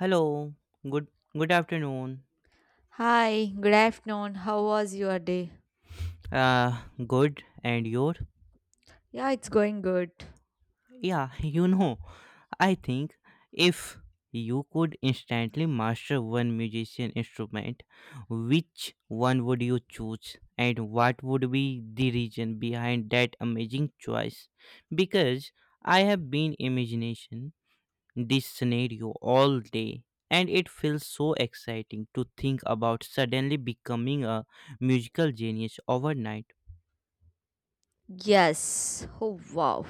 Hello. Good good afternoon. Hi, good afternoon. How was your day? Uh Good and your? Yeah, it's going good. Yeah, I think if you could instantly master one musician instrument, which one would you choose and what would be the reason behind that amazing choice? Because I have been imagination this scenario all day and it feels so exciting to think about suddenly becoming a musical genius overnight. Yes. Oh, wow.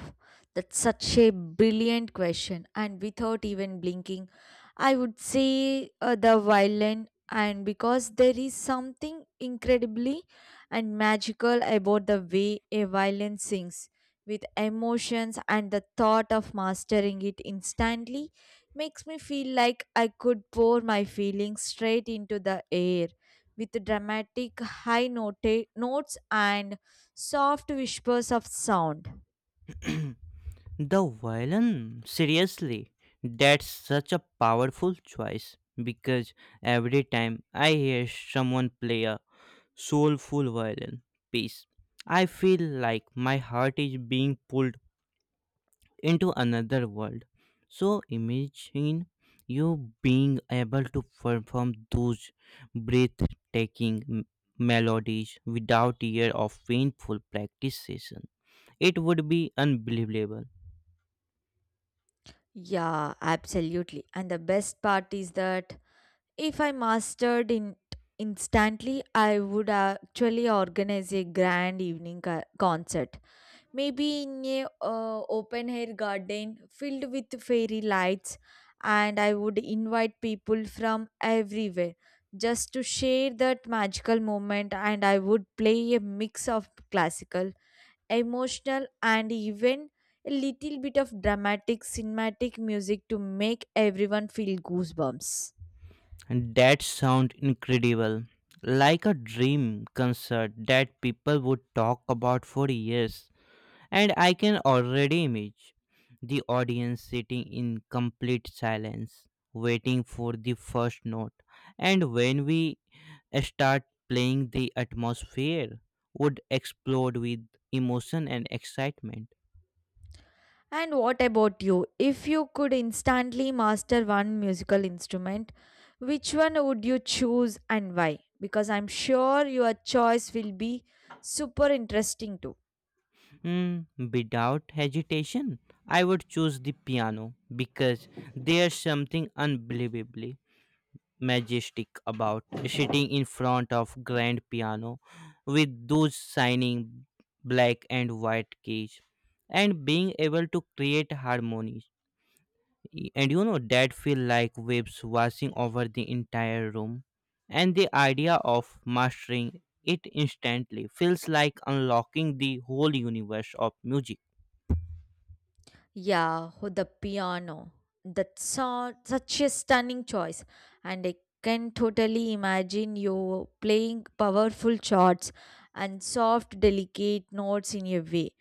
That's such a brilliant question. And without even blinking, I would say the violin. And because there is something incredibly and magical about the way a violin sings with emotions, and the thought of mastering it instantly makes me feel like I could pour my feelings straight into the air with dramatic notes and soft whispers of sound. The violin, seriously, that's such a powerful choice because every time I hear someone play a soulful violin piece I feel like my heart is being pulled into another world. So imagine you being able to perform those breathtaking melodies without year of painful practice session. It would be unbelievable. Yeah, absolutely. And the best part is that if I mastered in instantly, I would actually organize a grand evening concert. Maybe in a open air garden filled with fairy lights, and I would invite people from everywhere just to share that magical moment, and I would play a mix of classical, emotional, and even a little bit of dramatic cinematic music to make everyone feel goosebumps. That sound incredible. Like a dream concert that people would talk about for years. And I can already image the audience sitting in complete silence, waiting for the first note. And when we start playing, the atmosphere would explode with emotion and excitement. And what about you? If you could instantly master one musical instrument, which one would you choose and why? Because I'm sure your choice will be super interesting too. Mm, without hesitation, I would choose the piano because there's something unbelievably majestic about sitting in front of grand piano with those shining black and white keys and being able to create harmonies and that feel like waves washing over the entire room. And the idea of mastering it instantly feels like unlocking the whole universe of music. Yeah, oh, the piano. Such a stunning choice. And I can totally imagine you playing powerful chords and soft, delicate notes in a way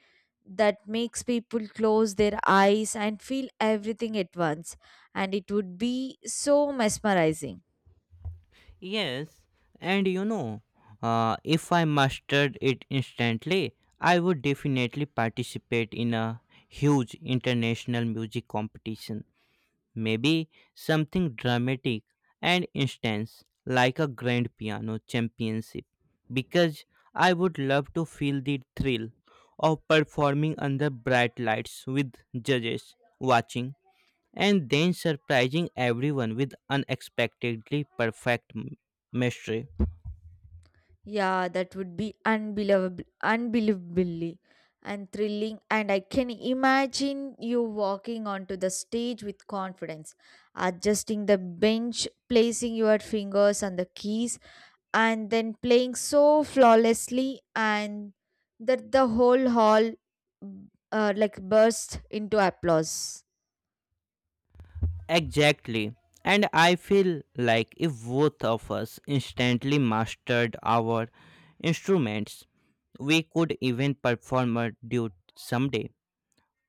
that makes people close their eyes and feel everything at once. And it would be so mesmerizing. Yes, and if I mastered it instantly, I would definitely participate in a huge international music competition. Maybe something dramatic and intense, like a grand piano championship, because I would love to feel the thrill of performing under bright lights with judges watching and then surprising everyone with unexpectedly perfect mystery. Yeah, that would be unbelievable, unbelievably and thrilling. And I can imagine you walking onto the stage with confidence, adjusting the bench, placing your fingers on the keys, and then playing so flawlessly, and that the whole hall like burst into applause. Exactly. And I feel like if both of us instantly mastered our instruments, we could even perform a duet someday.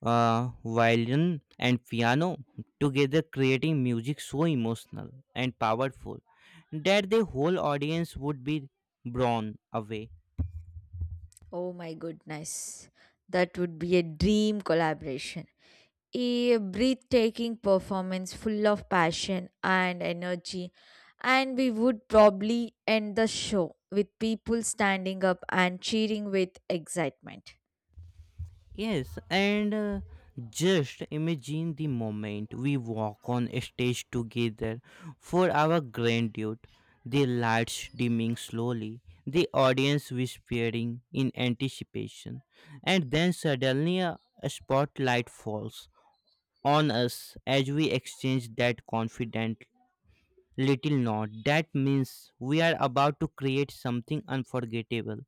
Violin and piano together creating music so emotional and powerful that the whole audience would be blown away. Oh my goodness, that would be a dream collaboration, a breathtaking performance full of passion and energy, and we would probably end the show with people standing up and cheering with excitement. Yes, and just imagine the moment we walk on stage together for our grandiode, the lights dimming slowly, the audience whispering in anticipation, and then suddenly a spotlight falls on us as we exchange that confident little nod. That means we are about to create something unforgettable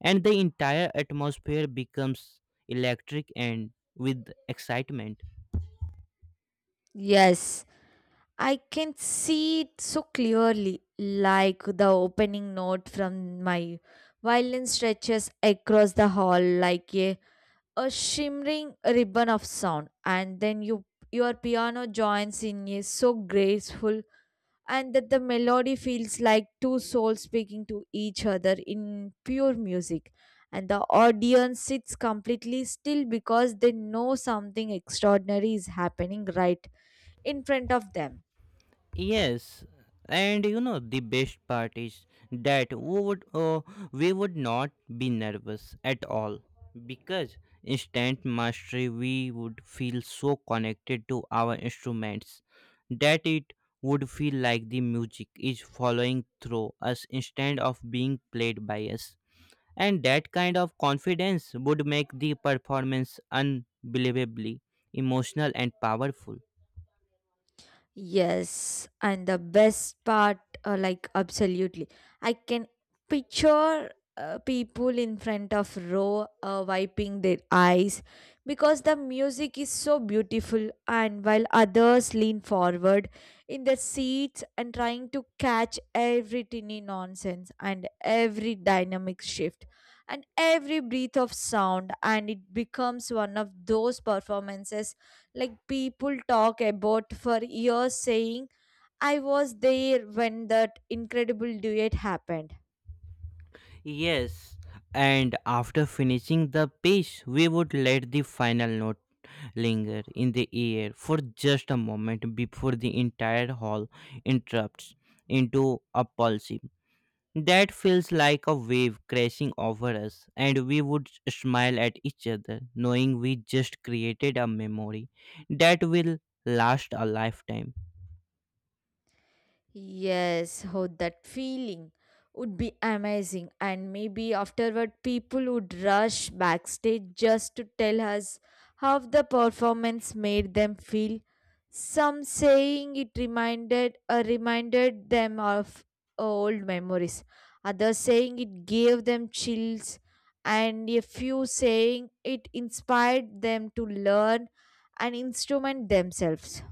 and the entire atmosphere becomes electric and with excitement. Yes, I can see it so clearly, like the opening note from my violin stretches across the hall like a shimmering ribbon of sound, and then your piano joins in is so graceful, and that the melody feels like two souls speaking to each other in pure music, and the audience sits completely still because they know something extraordinary is happening right in front of them. Yes, and you know the best part is that we would not be nervous at all because instant mastery we would feel so connected to our instruments that it would feel like the music is following through us instead of being played by us. And that kind of confidence would make the performance unbelievably emotional and powerful. Yes, and the best part, like absolutely, I can picture people in front of row wiping their eyes because the music is so beautiful, and while others lean forward in their seats and trying to catch every tiny nonsense and every dynamic shift and every breath of sound, and it becomes one of those performances like people talk about for years saying I was there when that incredible duet happened. Yes, and after finishing the piece, we would let the final note linger in the air for just a moment before the entire hall interrupts into a pulse. That feels like a wave crashing over us, and we would smile at each other, knowing we just created a memory that will last a lifetime. Yes, how that feeling would be amazing. And maybe afterward, people would rush backstage just to tell us how the performance made them feel. Some saying it reminded them of old memories. Others saying it gave them chills, and a few saying it inspired them to learn an instrument themselves.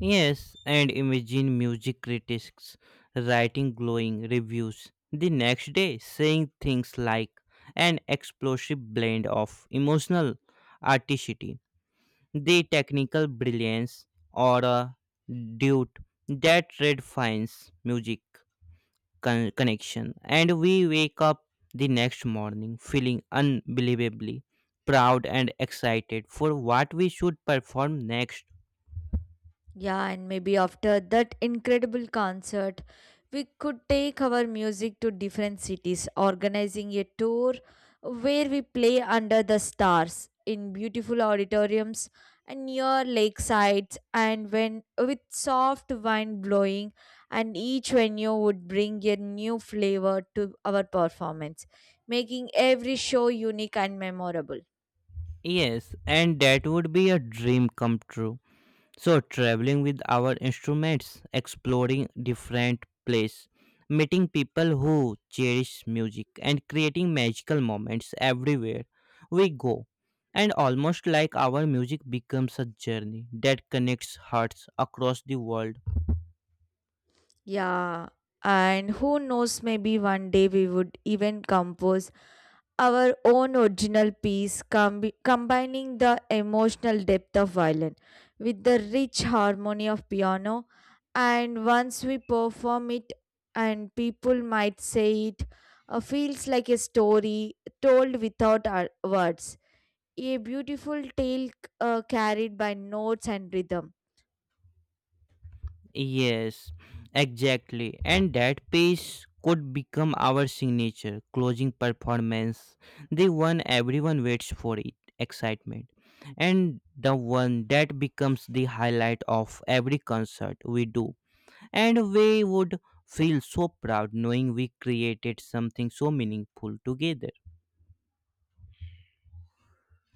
Yes, and imagine music critics writing glowing reviews the next day, saying things like an explosive blend of emotional articity, the technical brilliance, or a dude that redefines music connection. And we wake up the next morning feeling unbelievably proud and excited for what we should perform next. Yeah, and maybe after that incredible concert, we could take our music to different cities, organizing a tour where we play under the stars in beautiful auditoriums and near lakesides and when with soft wind blowing, and each venue would bring a new flavor to our performance, making every show unique and memorable. Yes, and that would be a dream come true. So, traveling with our instruments, exploring different places, meeting people who cherish music, and creating magical moments everywhere we go. And almost like our music becomes a journey that connects hearts across the world. Yeah, and who knows, maybe one day we would even compose our own original piece, combining the emotional depth of violin with the rich harmony of piano. And once we perform it, and people might say it, feels like a story told without our words, a beautiful tale, carried by notes and rhythm. Yes, exactly. And that piece could become our signature closing performance, the one everyone waits for it, excitement. And the one that becomes the highlight of every concert we do. And we would feel so proud knowing we created something so meaningful together.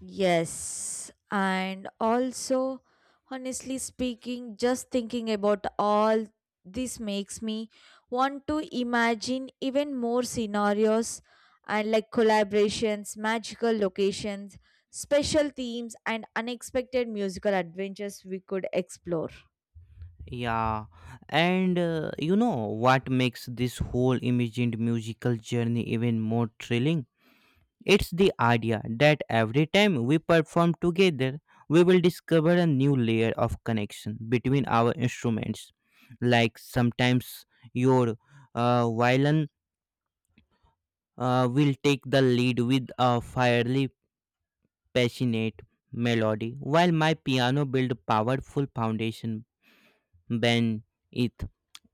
Yes, and also, honestly speaking, just thinking about all this makes me want to imagine even more scenarios and like collaborations, magical locations, special themes, and unexpected musical adventures we could explore. Yeah, and you know what makes this whole imagined musical journey even more thrilling? It's the idea that every time we perform together, we will discover a new layer of connection between our instruments. Like sometimes your violin will take the lead with a fiery, passionate melody, while my piano build powerful foundation beneath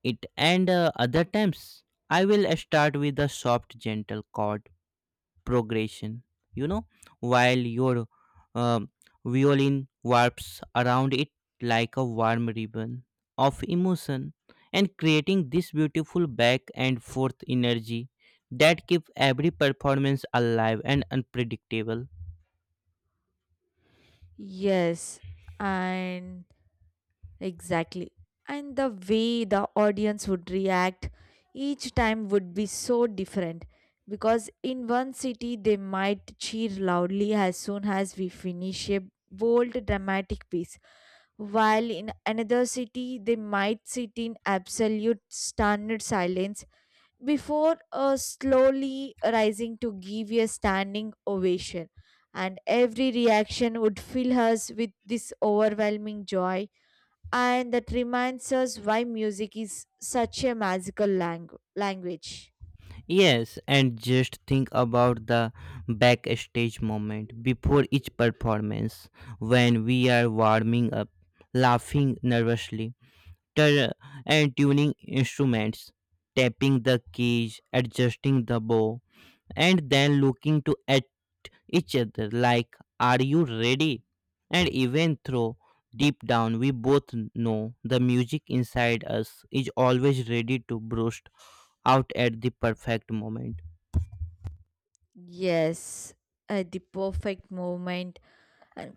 it. And other times, I will start with a soft, gentle chord progression, you know, while your um, violin warps around it like a warm ribbon of emotion and creating this beautiful back and forth energy that keep every performance alive and unpredictable. Yes, and exactly. And the way the audience would react each time would be so different, because in one city they might cheer loudly as soon as we finish a bold dramatic piece, while in another city they might sit in absolute stunned silence before slowly rising to give a standing ovation. And every reaction would fill us with this overwhelming joy, and that reminds us why music is such a magical language. Yes, and just think about the backstage moment before each performance when we are warming up, laughing nervously, ter- and tuning instruments, tapping the keys, adjusting the bow, and then looking to at each other like, are you ready? And even though deep down we both know the music inside us is always ready to burst out at the perfect moment. Yes, at the perfect moment, and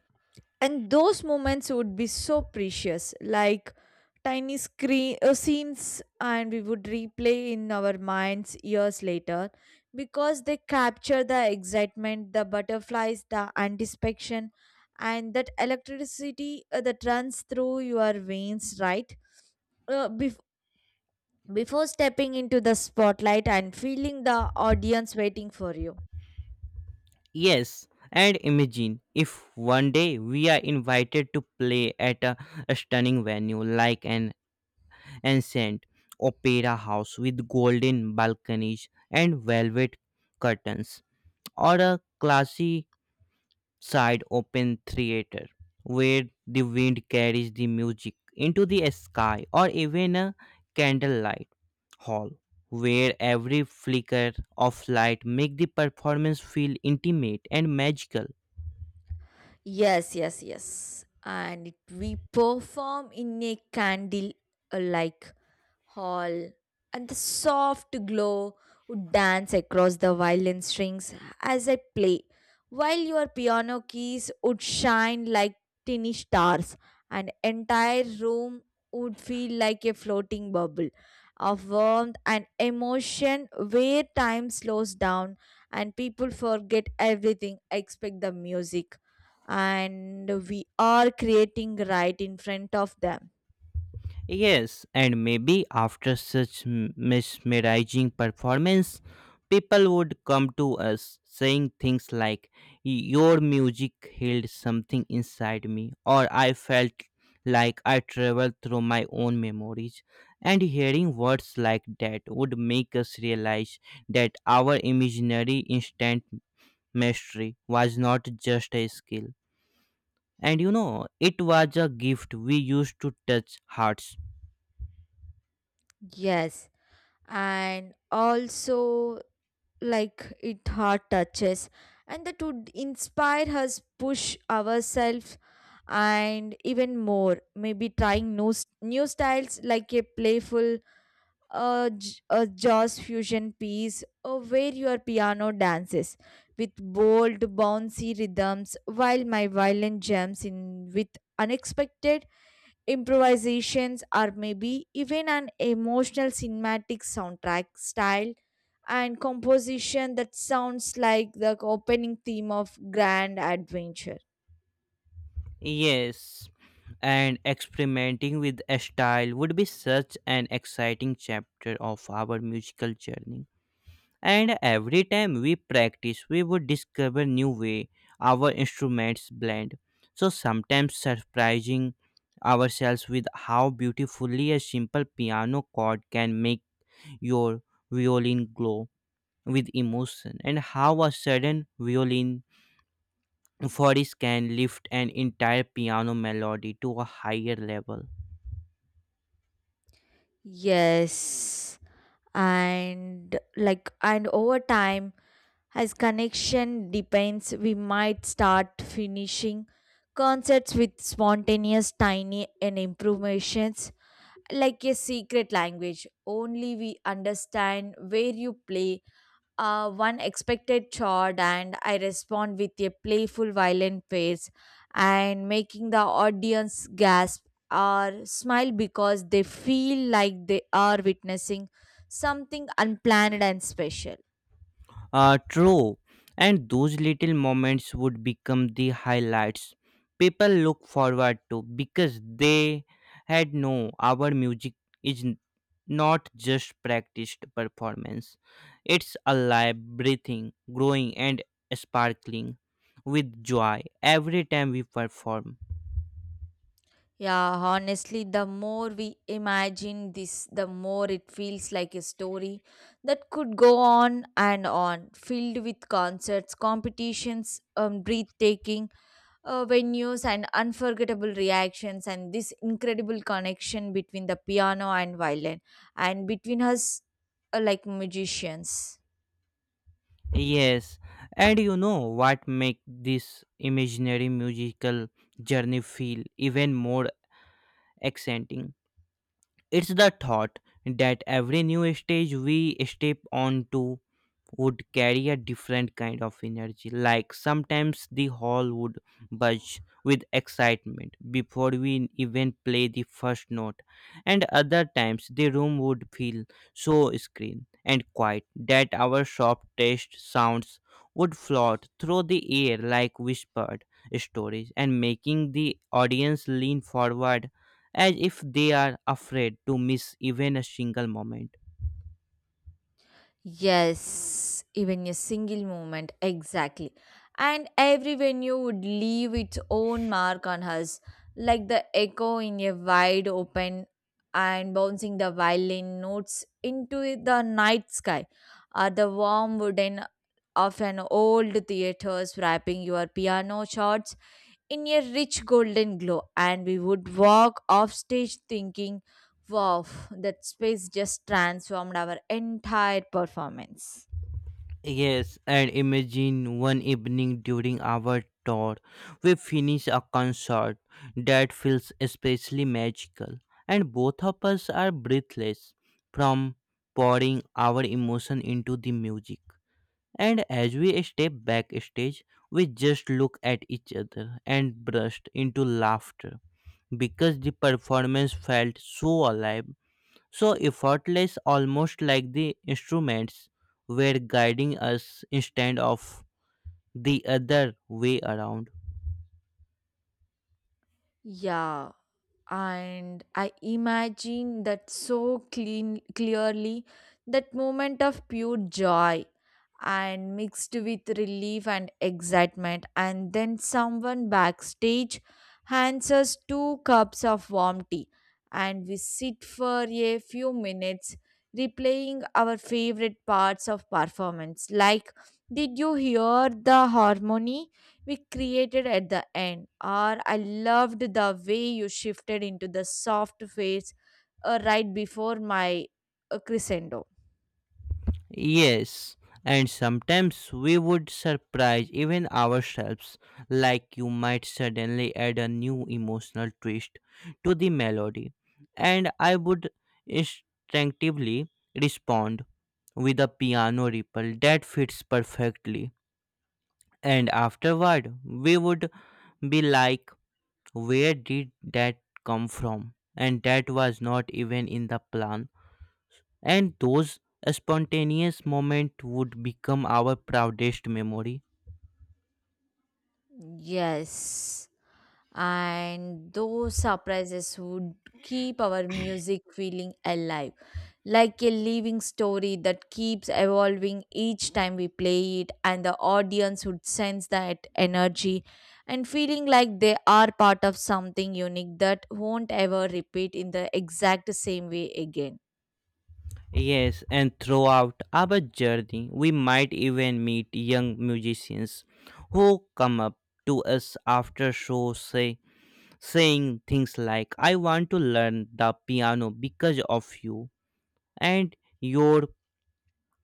and those moments would be so precious, like tiny screen scenes and we would replay in our minds years later, because they capture the excitement, the butterflies, the anticipation, and that electricity, that runs through your veins right, uh, bef- before stepping into the spotlight and feeling the audience waiting for you. Yes, and imagine if one day we are invited to play at a stunning venue like an ancient opera house with golden balconies and velvet curtains, or a classy side open theater where the wind carries the music into the sky, or even a candlelight hall where every flicker of light make the performance feel intimate and magical. Yes, yes, yes, and it, we perform in a candle, like hall, and the soft glow would dance across the violin strings as I play, while your piano keys would shine like tiny stars, and entire room would feel like a floating bubble of warmth and emotion where time slows down, and people forget everything except the music and we are creating right in front of them. Yes, and maybe after such mesmerizing performance, people would come to us saying things like, your music healed something inside me, or I felt like I traveled through my own memories. And hearing words like that would make us realize that our imaginary instant mastery was not just a skill. And it was a gift we used to touch hearts. Yes, and also, like it hard touches, and that would inspire us push ourselves and even more, maybe trying new, new styles, like a playful, a jazz fusion piece or where your piano dances with bold bouncy rhythms while my violin jumps in with unexpected improvisations, or maybe even an emotional cinematic soundtrack style and composition that sounds like the opening theme of grand adventure. Yes, and experimenting with a style would be such an exciting chapter of our musical journey. And every time we practice, we would discover new way our instruments blend. So sometimes surprising ourselves with how beautifully a simple piano chord can make your violin glow with emotion and how a sudden violin Forest can lift an entire piano melody to a higher level. Yes, and like, and over time, as connection depends, we might start finishing concerts with spontaneous tiny and improvisations, like a secret language only we understand, where you play one expected chord, and I respond with a playful, violent face, and making the audience gasp or smile because they feel like they are witnessing something unplanned and special. True, and those little moments would become the highlights people look forward to because they had no our music is not just practiced performance. It's alive, breathing, growing and sparkling with joy every time we perform. Yeah, honestly, the more we imagine this, the more it feels like a story that could go on and on, filled with concerts, competitions, breathtaking venues and unforgettable reactions and this incredible connection between the piano and violin and between us, like magicians. Yes, and you know what make this imaginary musical journey feel even more exciting? It's the thought that every new stage we step onto would carry a different kind of energy. Like sometimes the hall would buzz with excitement before we even play the first note, and other times the room would feel so screen and quiet that our soft taste sounds would float through the air like whispered stories and making the audience lean forward as if they are afraid to miss even a single moment. Yes, even a single moment, exactly. And every venue would leave its own mark on us, like the echo in a wide open and bouncing the violin notes into the night sky, or the warm wooden of an old theaters wrapping your piano shots in a rich golden glow, and we would walk off stage thinking, wow, that space just transformed our entire performance. Yes, and imagine one evening during our tour, we finish a concert that feels especially magical, and both of us are breathless from pouring our emotion into the music. And as we step backstage, we just look at each other and burst into laughter because the performance felt so alive, so effortless, almost like the instruments were guiding us instead of the other way around. Yeah. And I imagine that so clean clearly, that moment of pure joy and mixed with relief and excitement, and then someone backstage hands us two cups of warm tea, and we sit for a few minutes replaying our favorite parts of performance, like did you hear the harmony we created at the end. Or I loved the way you shifted into the soft phase, right before my, crescendo. Yes, and sometimes we would surprise even ourselves, like you might suddenly add a new emotional twist to the melody, and I would instinctively respond with a piano ripple that fits perfectly. And afterward, we would be like, where did that come from? And that was not even in the plan. And those spontaneous moments would become our proudest memory. Yes. And those surprises would keep our music feeling alive, like a living story that keeps evolving each time we play it, and the audience would sense that energy and feeling like they are part of something unique that won't ever repeat in the exact same way again. Yes, and throughout our journey, we might even meet young musicians who come up to us after show saying things like I want to learn the piano because of you and your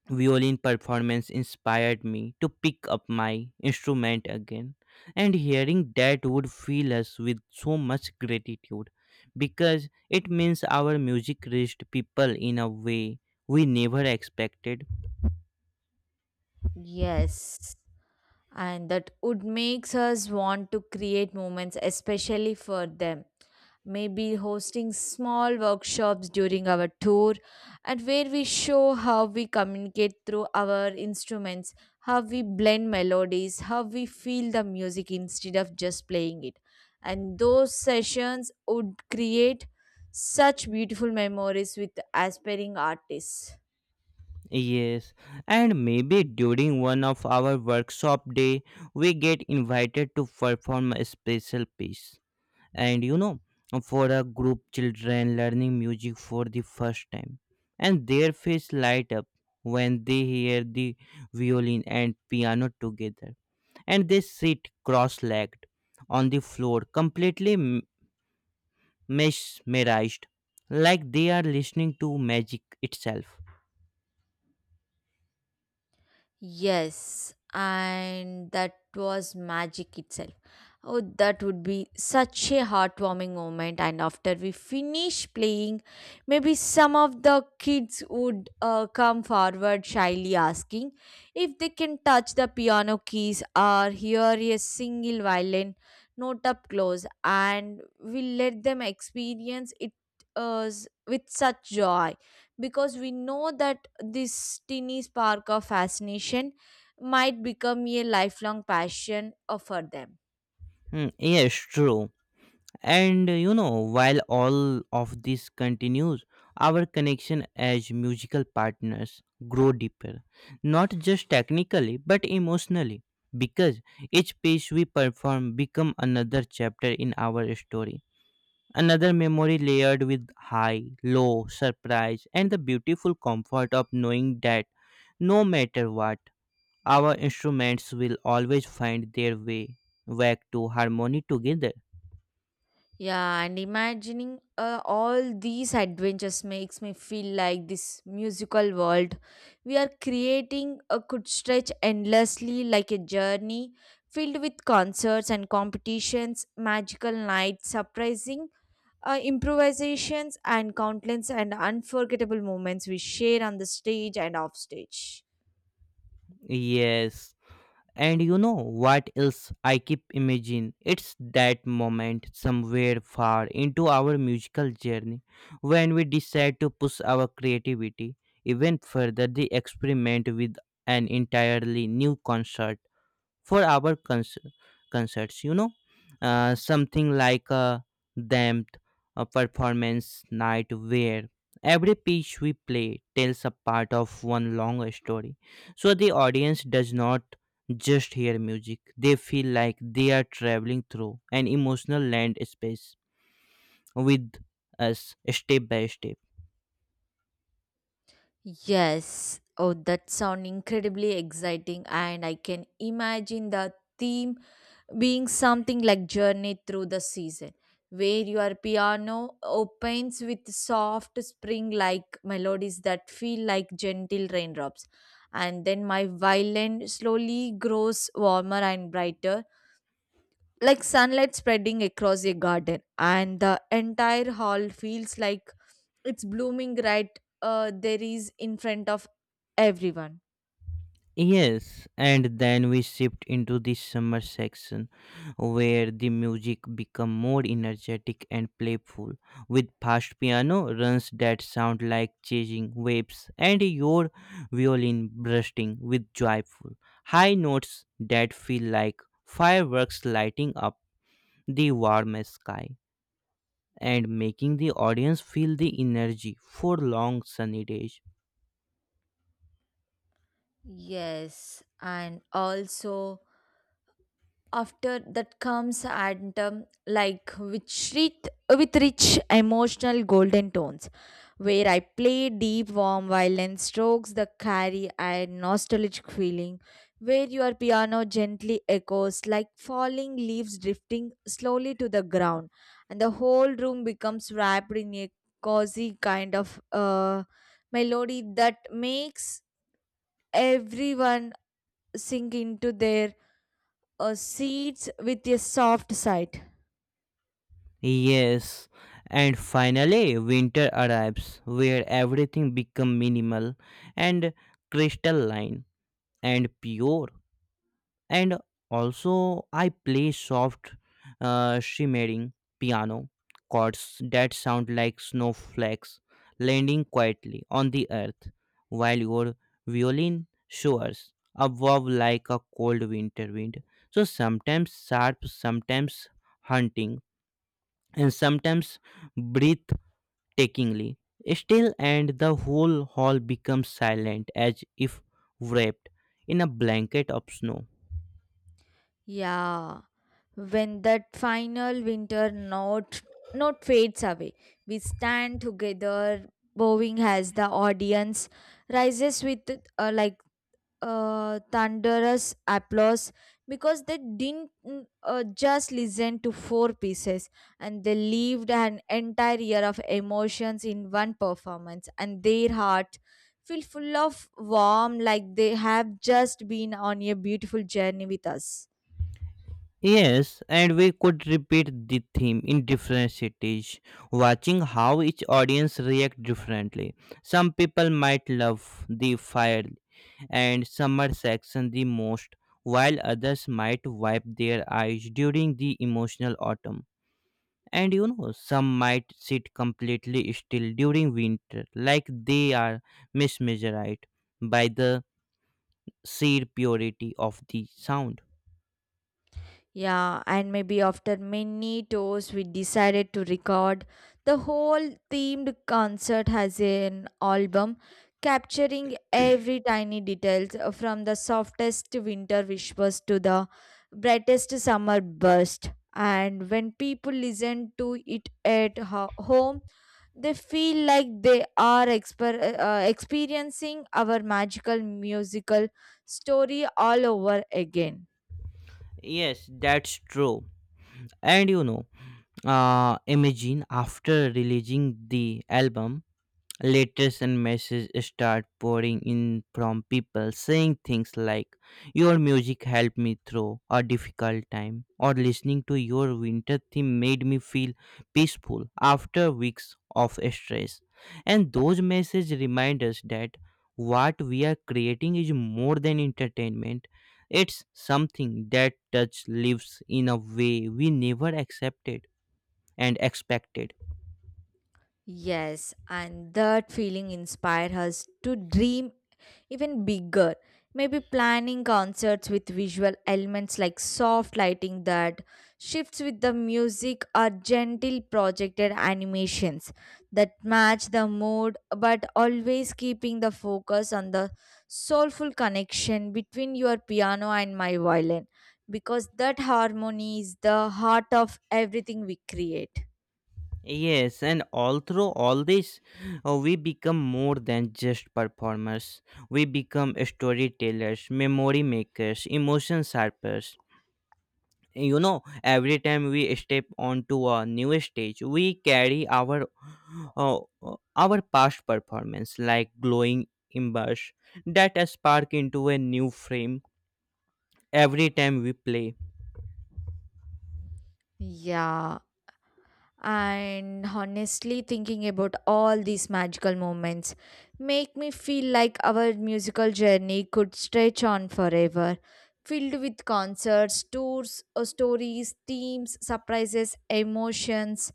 violin performance inspired me to pick up my instrument again. And hearing that would fill us with so much gratitude because it means our music reached people in a way we never expected. Yes, and that would makes us want to create moments especially for them, maybe hosting small workshops during our tour, and where we show how we communicate through our instruments, how we blend melodies, how we feel the music instead of just playing it, and those sessions would create such beautiful memories with aspiring artists. Yes, and maybe during one of our workshop day we get invited to perform a special piece and for a group children learning music for the first time. And their face light up when they hear the violin and piano together and they sit cross-legged on the floor completely mesmerized, like they are listening to magic itself. Yes, and that was magic itself. Oh, that would be such a heartwarming moment. And after we finish playing, maybe some of the kids would come forward shyly asking if they can touch the piano keys or hear a single violin note up close, and we let them experience it, with such joy, because we know that this teeny spark of fascination might become a lifelong passion, for them. Hmm, yes, true. And you know, while all of this continues, our connection as musical partners grow deeper, not just technically but emotionally, because each piece we perform become another chapter in our story, another memory layered with high, low, surprise, and the beautiful comfort of knowing that no matter what, our instruments will always find their way back to harmony together. Yeah, and imagining, all these adventures makes me feel like this musical world we are creating, could stretch endlessly like a journey filled with concerts and competitions, magical nights, surprising, improvisations, and countless and unforgettable moments we share on the stage and off stage. Yes, and you know what else I keep imagining? It's that moment somewhere far into our musical journey when we decide to push our creativity even further, the experiment with an entirely new concert for our concerts. Something like a damped, a performance night where every piece we play tells a part of one long story, so the audience does not just hear music, they feel like they are traveling through an emotional land space with us, step by step. Yes. Oh, that sounds incredibly exciting, and I can imagine the theme being something like Journey Through the Season, where your piano opens with soft spring like melodies that feel like gentle raindrops. And then my violin slowly grows warmer and brighter, like sunlight spreading across a garden, and the entire hall feels like it's blooming right, there is in front of everyone. Yes, and then we shift into the summer section where the music become more energetic and playful, with fast piano runs that sound like chasing waves and your violin bursting with joyful high notes that feel like fireworks lighting up the warm sky, and making the audience feel the energy for long sunny days. Yes, and also, after that comes and with rich emotional golden tones where I play deep warm violin strokes that carry a nostalgic feeling, where your piano gently echoes like falling leaves drifting slowly to the ground, and the whole room becomes wrapped in a cozy kind of, melody that makes everyone sink into their a seeds with a soft side. Yes, and finally winter arrives where everything become minimal and crystalline and pure, and also I play soft, shimmering piano chords that sound like snowflakes landing quietly on the earth, while your violin soars above like a cold winter wind, so sometimes sharp, sometimes hunting, and sometimes breathtakingly still, and the whole hall becomes silent as if wrapped in a blanket of snow. Yeah, when that final winter note fades away, we stand together, bowing as the audience rises with uh, like thunderous applause, because they didn't just listen to four pieces, and they lived an entire year of emotions in one performance, and their heart feel full of warm, like they have just been on a beautiful journey with us. Yes, and we could repeat the theme in different cities, watching how each audience react differently. Some people might love the fire and summer section the most, while others might wipe their eyes during the emotional autumn, and you know some might sit completely still during winter, like they are mesmerized by the sheer purity of the sound. Yeah, and maybe after many tours, we decided to record the whole themed concert as an album, capturing every tiny details from the softest winter whispers to the brightest summer burst. And when people listen to it at home, they feel like they are experiencing our magical musical story all over again. Yes, that's true. And imagine after releasing the album, letters and messages start pouring in from people saying things like your music helped me through a difficult time, or listening to your winter theme made me feel peaceful after weeks of stress. And those messages remind us that what we are creating is more than entertainment. It's something that touch lives in a way we never accepted and expected. Yes, and that feeling inspired us to dream even bigger. Maybe planning concerts with visual elements like soft lighting that shifts with the music, or gentle projected animations that match the mood, but always keeping the focus on the soulful connection between your piano and my violin, because that harmony is the heart of everything we create. Yes, and all through all this, we become more than just performers. We become storytellers, memory makers, emotion sharpers. You know, every time we step onto a new stage, we carry uh, our past performance like glowing embers that spark into a new frame every time we play. Yeah. And honestly, thinking about all these magical moments make me feel like our musical journey could stretch on forever, filled with concerts, tours, stories, themes, surprises, emotions,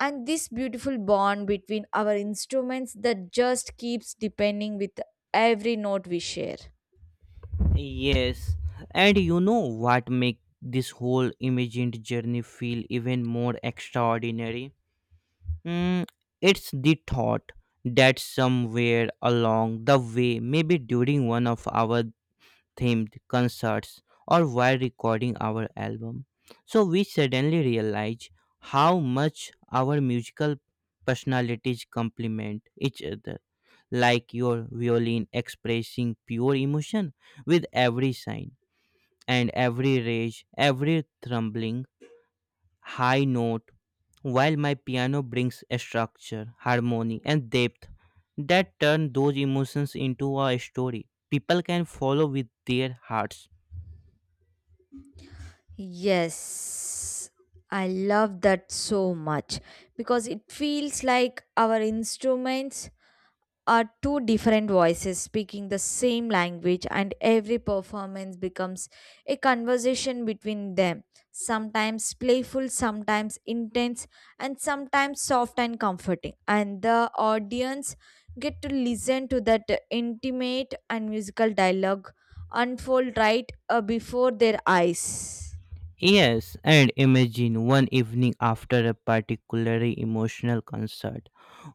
and this beautiful bond between our instruments that just keeps deepening with every note we share. Yes, and you know what make this whole imagined journey feel even more extraordinary? Mm, it's the thought that somewhere along the way, maybe during one of our themed concerts or while recording our album, so we suddenly realize how much our musical personalities complement each other, like your violin expressing pure emotion with every sign and every rage, every thrumbling high note, while my piano brings a structure, harmony, and depth that turn those emotions into a story people can follow with their hearts. Yes, I love that so much, because it feels like our instruments are two different voices speaking the same language, and every performance becomes a conversation between them, sometimes playful, sometimes intense, and sometimes soft and comforting. And the audience get to listen to that intimate and musical dialogue unfold right before their eyes. Yes, and imagine one evening after a particularly emotional concert,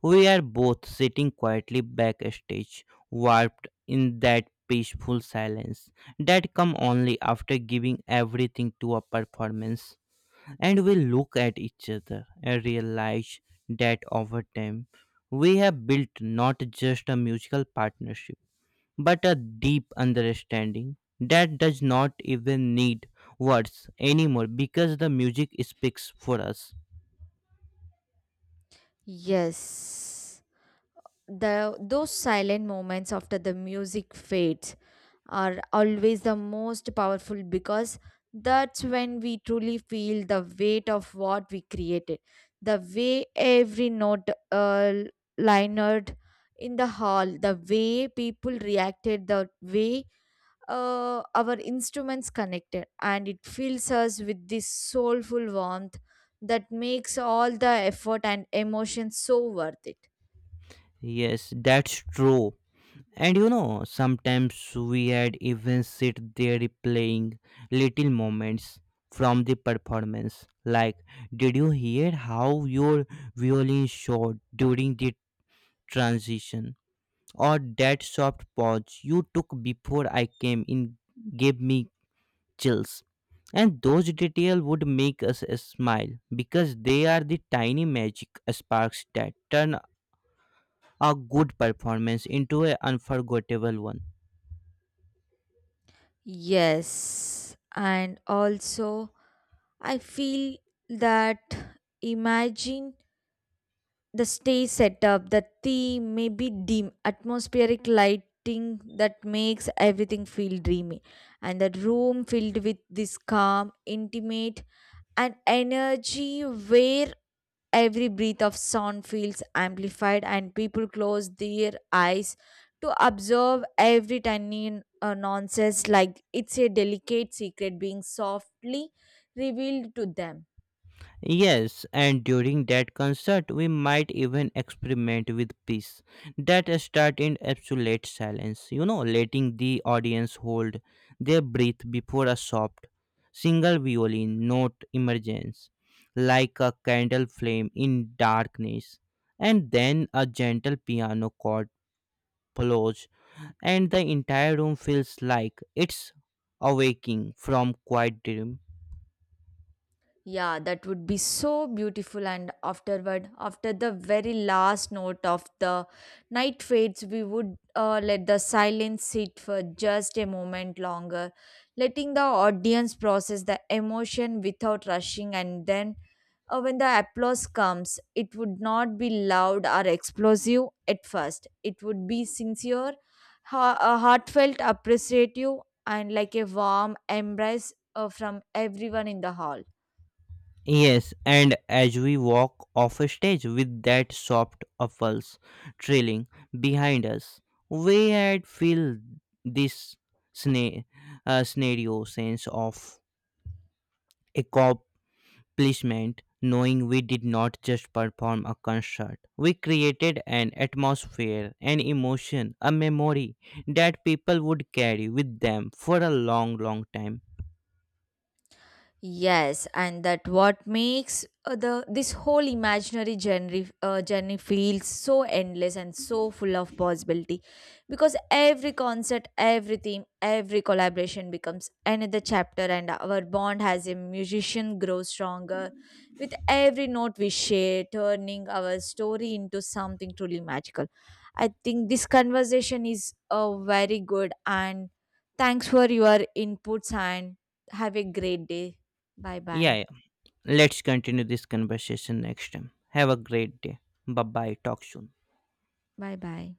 we are both sitting quietly backstage, warped in that peaceful silence that come only after giving everything to a performance. And we look at each other and realize that over time we have built not just a musical partnership but a deep understanding that does not even need words anymore, because the music speaks for us. Yes. the Those silent moments after the music fades are always the most powerful, because that's when we truly feel the weight of what we created: the way every note lined in the hall, the way people reacted, the way our instruments connected, and it fills us with this soulful warmth that makes all the effort and emotion so worth it. Yes, that's true. And you know, sometimes we had even sit there replaying little moments from the performance, like did you hear how your violin showed during the transition, or that soft pause you took before I came in gave me chills. And those details would make us smile because they are the tiny magic sparks that turn a good performance into an unforgettable one. Yes, and also, I feel that, imagine the stage setup, the theme, maybe dim atmospheric lighting that makes everything feel dreamy, and that room filled with this calm, intimate and energy, where every breath of sound feels amplified and people close their eyes to observe every tiny nonsense like it's a delicate secret being softly revealed to them. Yes, and during that concert, we might even experiment with peace that start in absolute silence, letting the audience hold their breath before a soft, single violin note emerges, like a candle flame in darkness, and then a gentle piano chord follows, and the entire room feels like it's awaking from quiet dream. Yeah, that would be so beautiful. And afterward, after the very last note of the night fades, we would let the silence sit for just a moment longer, letting the audience process the emotion without rushing. And then, when the applause comes, it would not be loud or explosive at first, it would be sincere, heartfelt, appreciative, and like a warm embrace from everyone in the hall. Yes, and as we walk off a stage with that soft pulse trailing behind us, we had feel this sna- scenario sense of accomplishment, knowing we did not just perform a concert. We created an atmosphere, an emotion, a memory that people would carry with them for a long, long time. Yes, and that what makes the this whole imaginary journey feels so endless and so full of possibility, because every concert, every theme, every collaboration becomes another chapter, and our bond as a musician grows stronger with every note we share, turning our story into something truly magical. I think this conversation is very good, and thanks for your inputs, and have a great day. 拜 Yeah, 拜，yeah. Let's continue this conversation next time. Have a great day. Bye bye. Talk soon. 拜拜。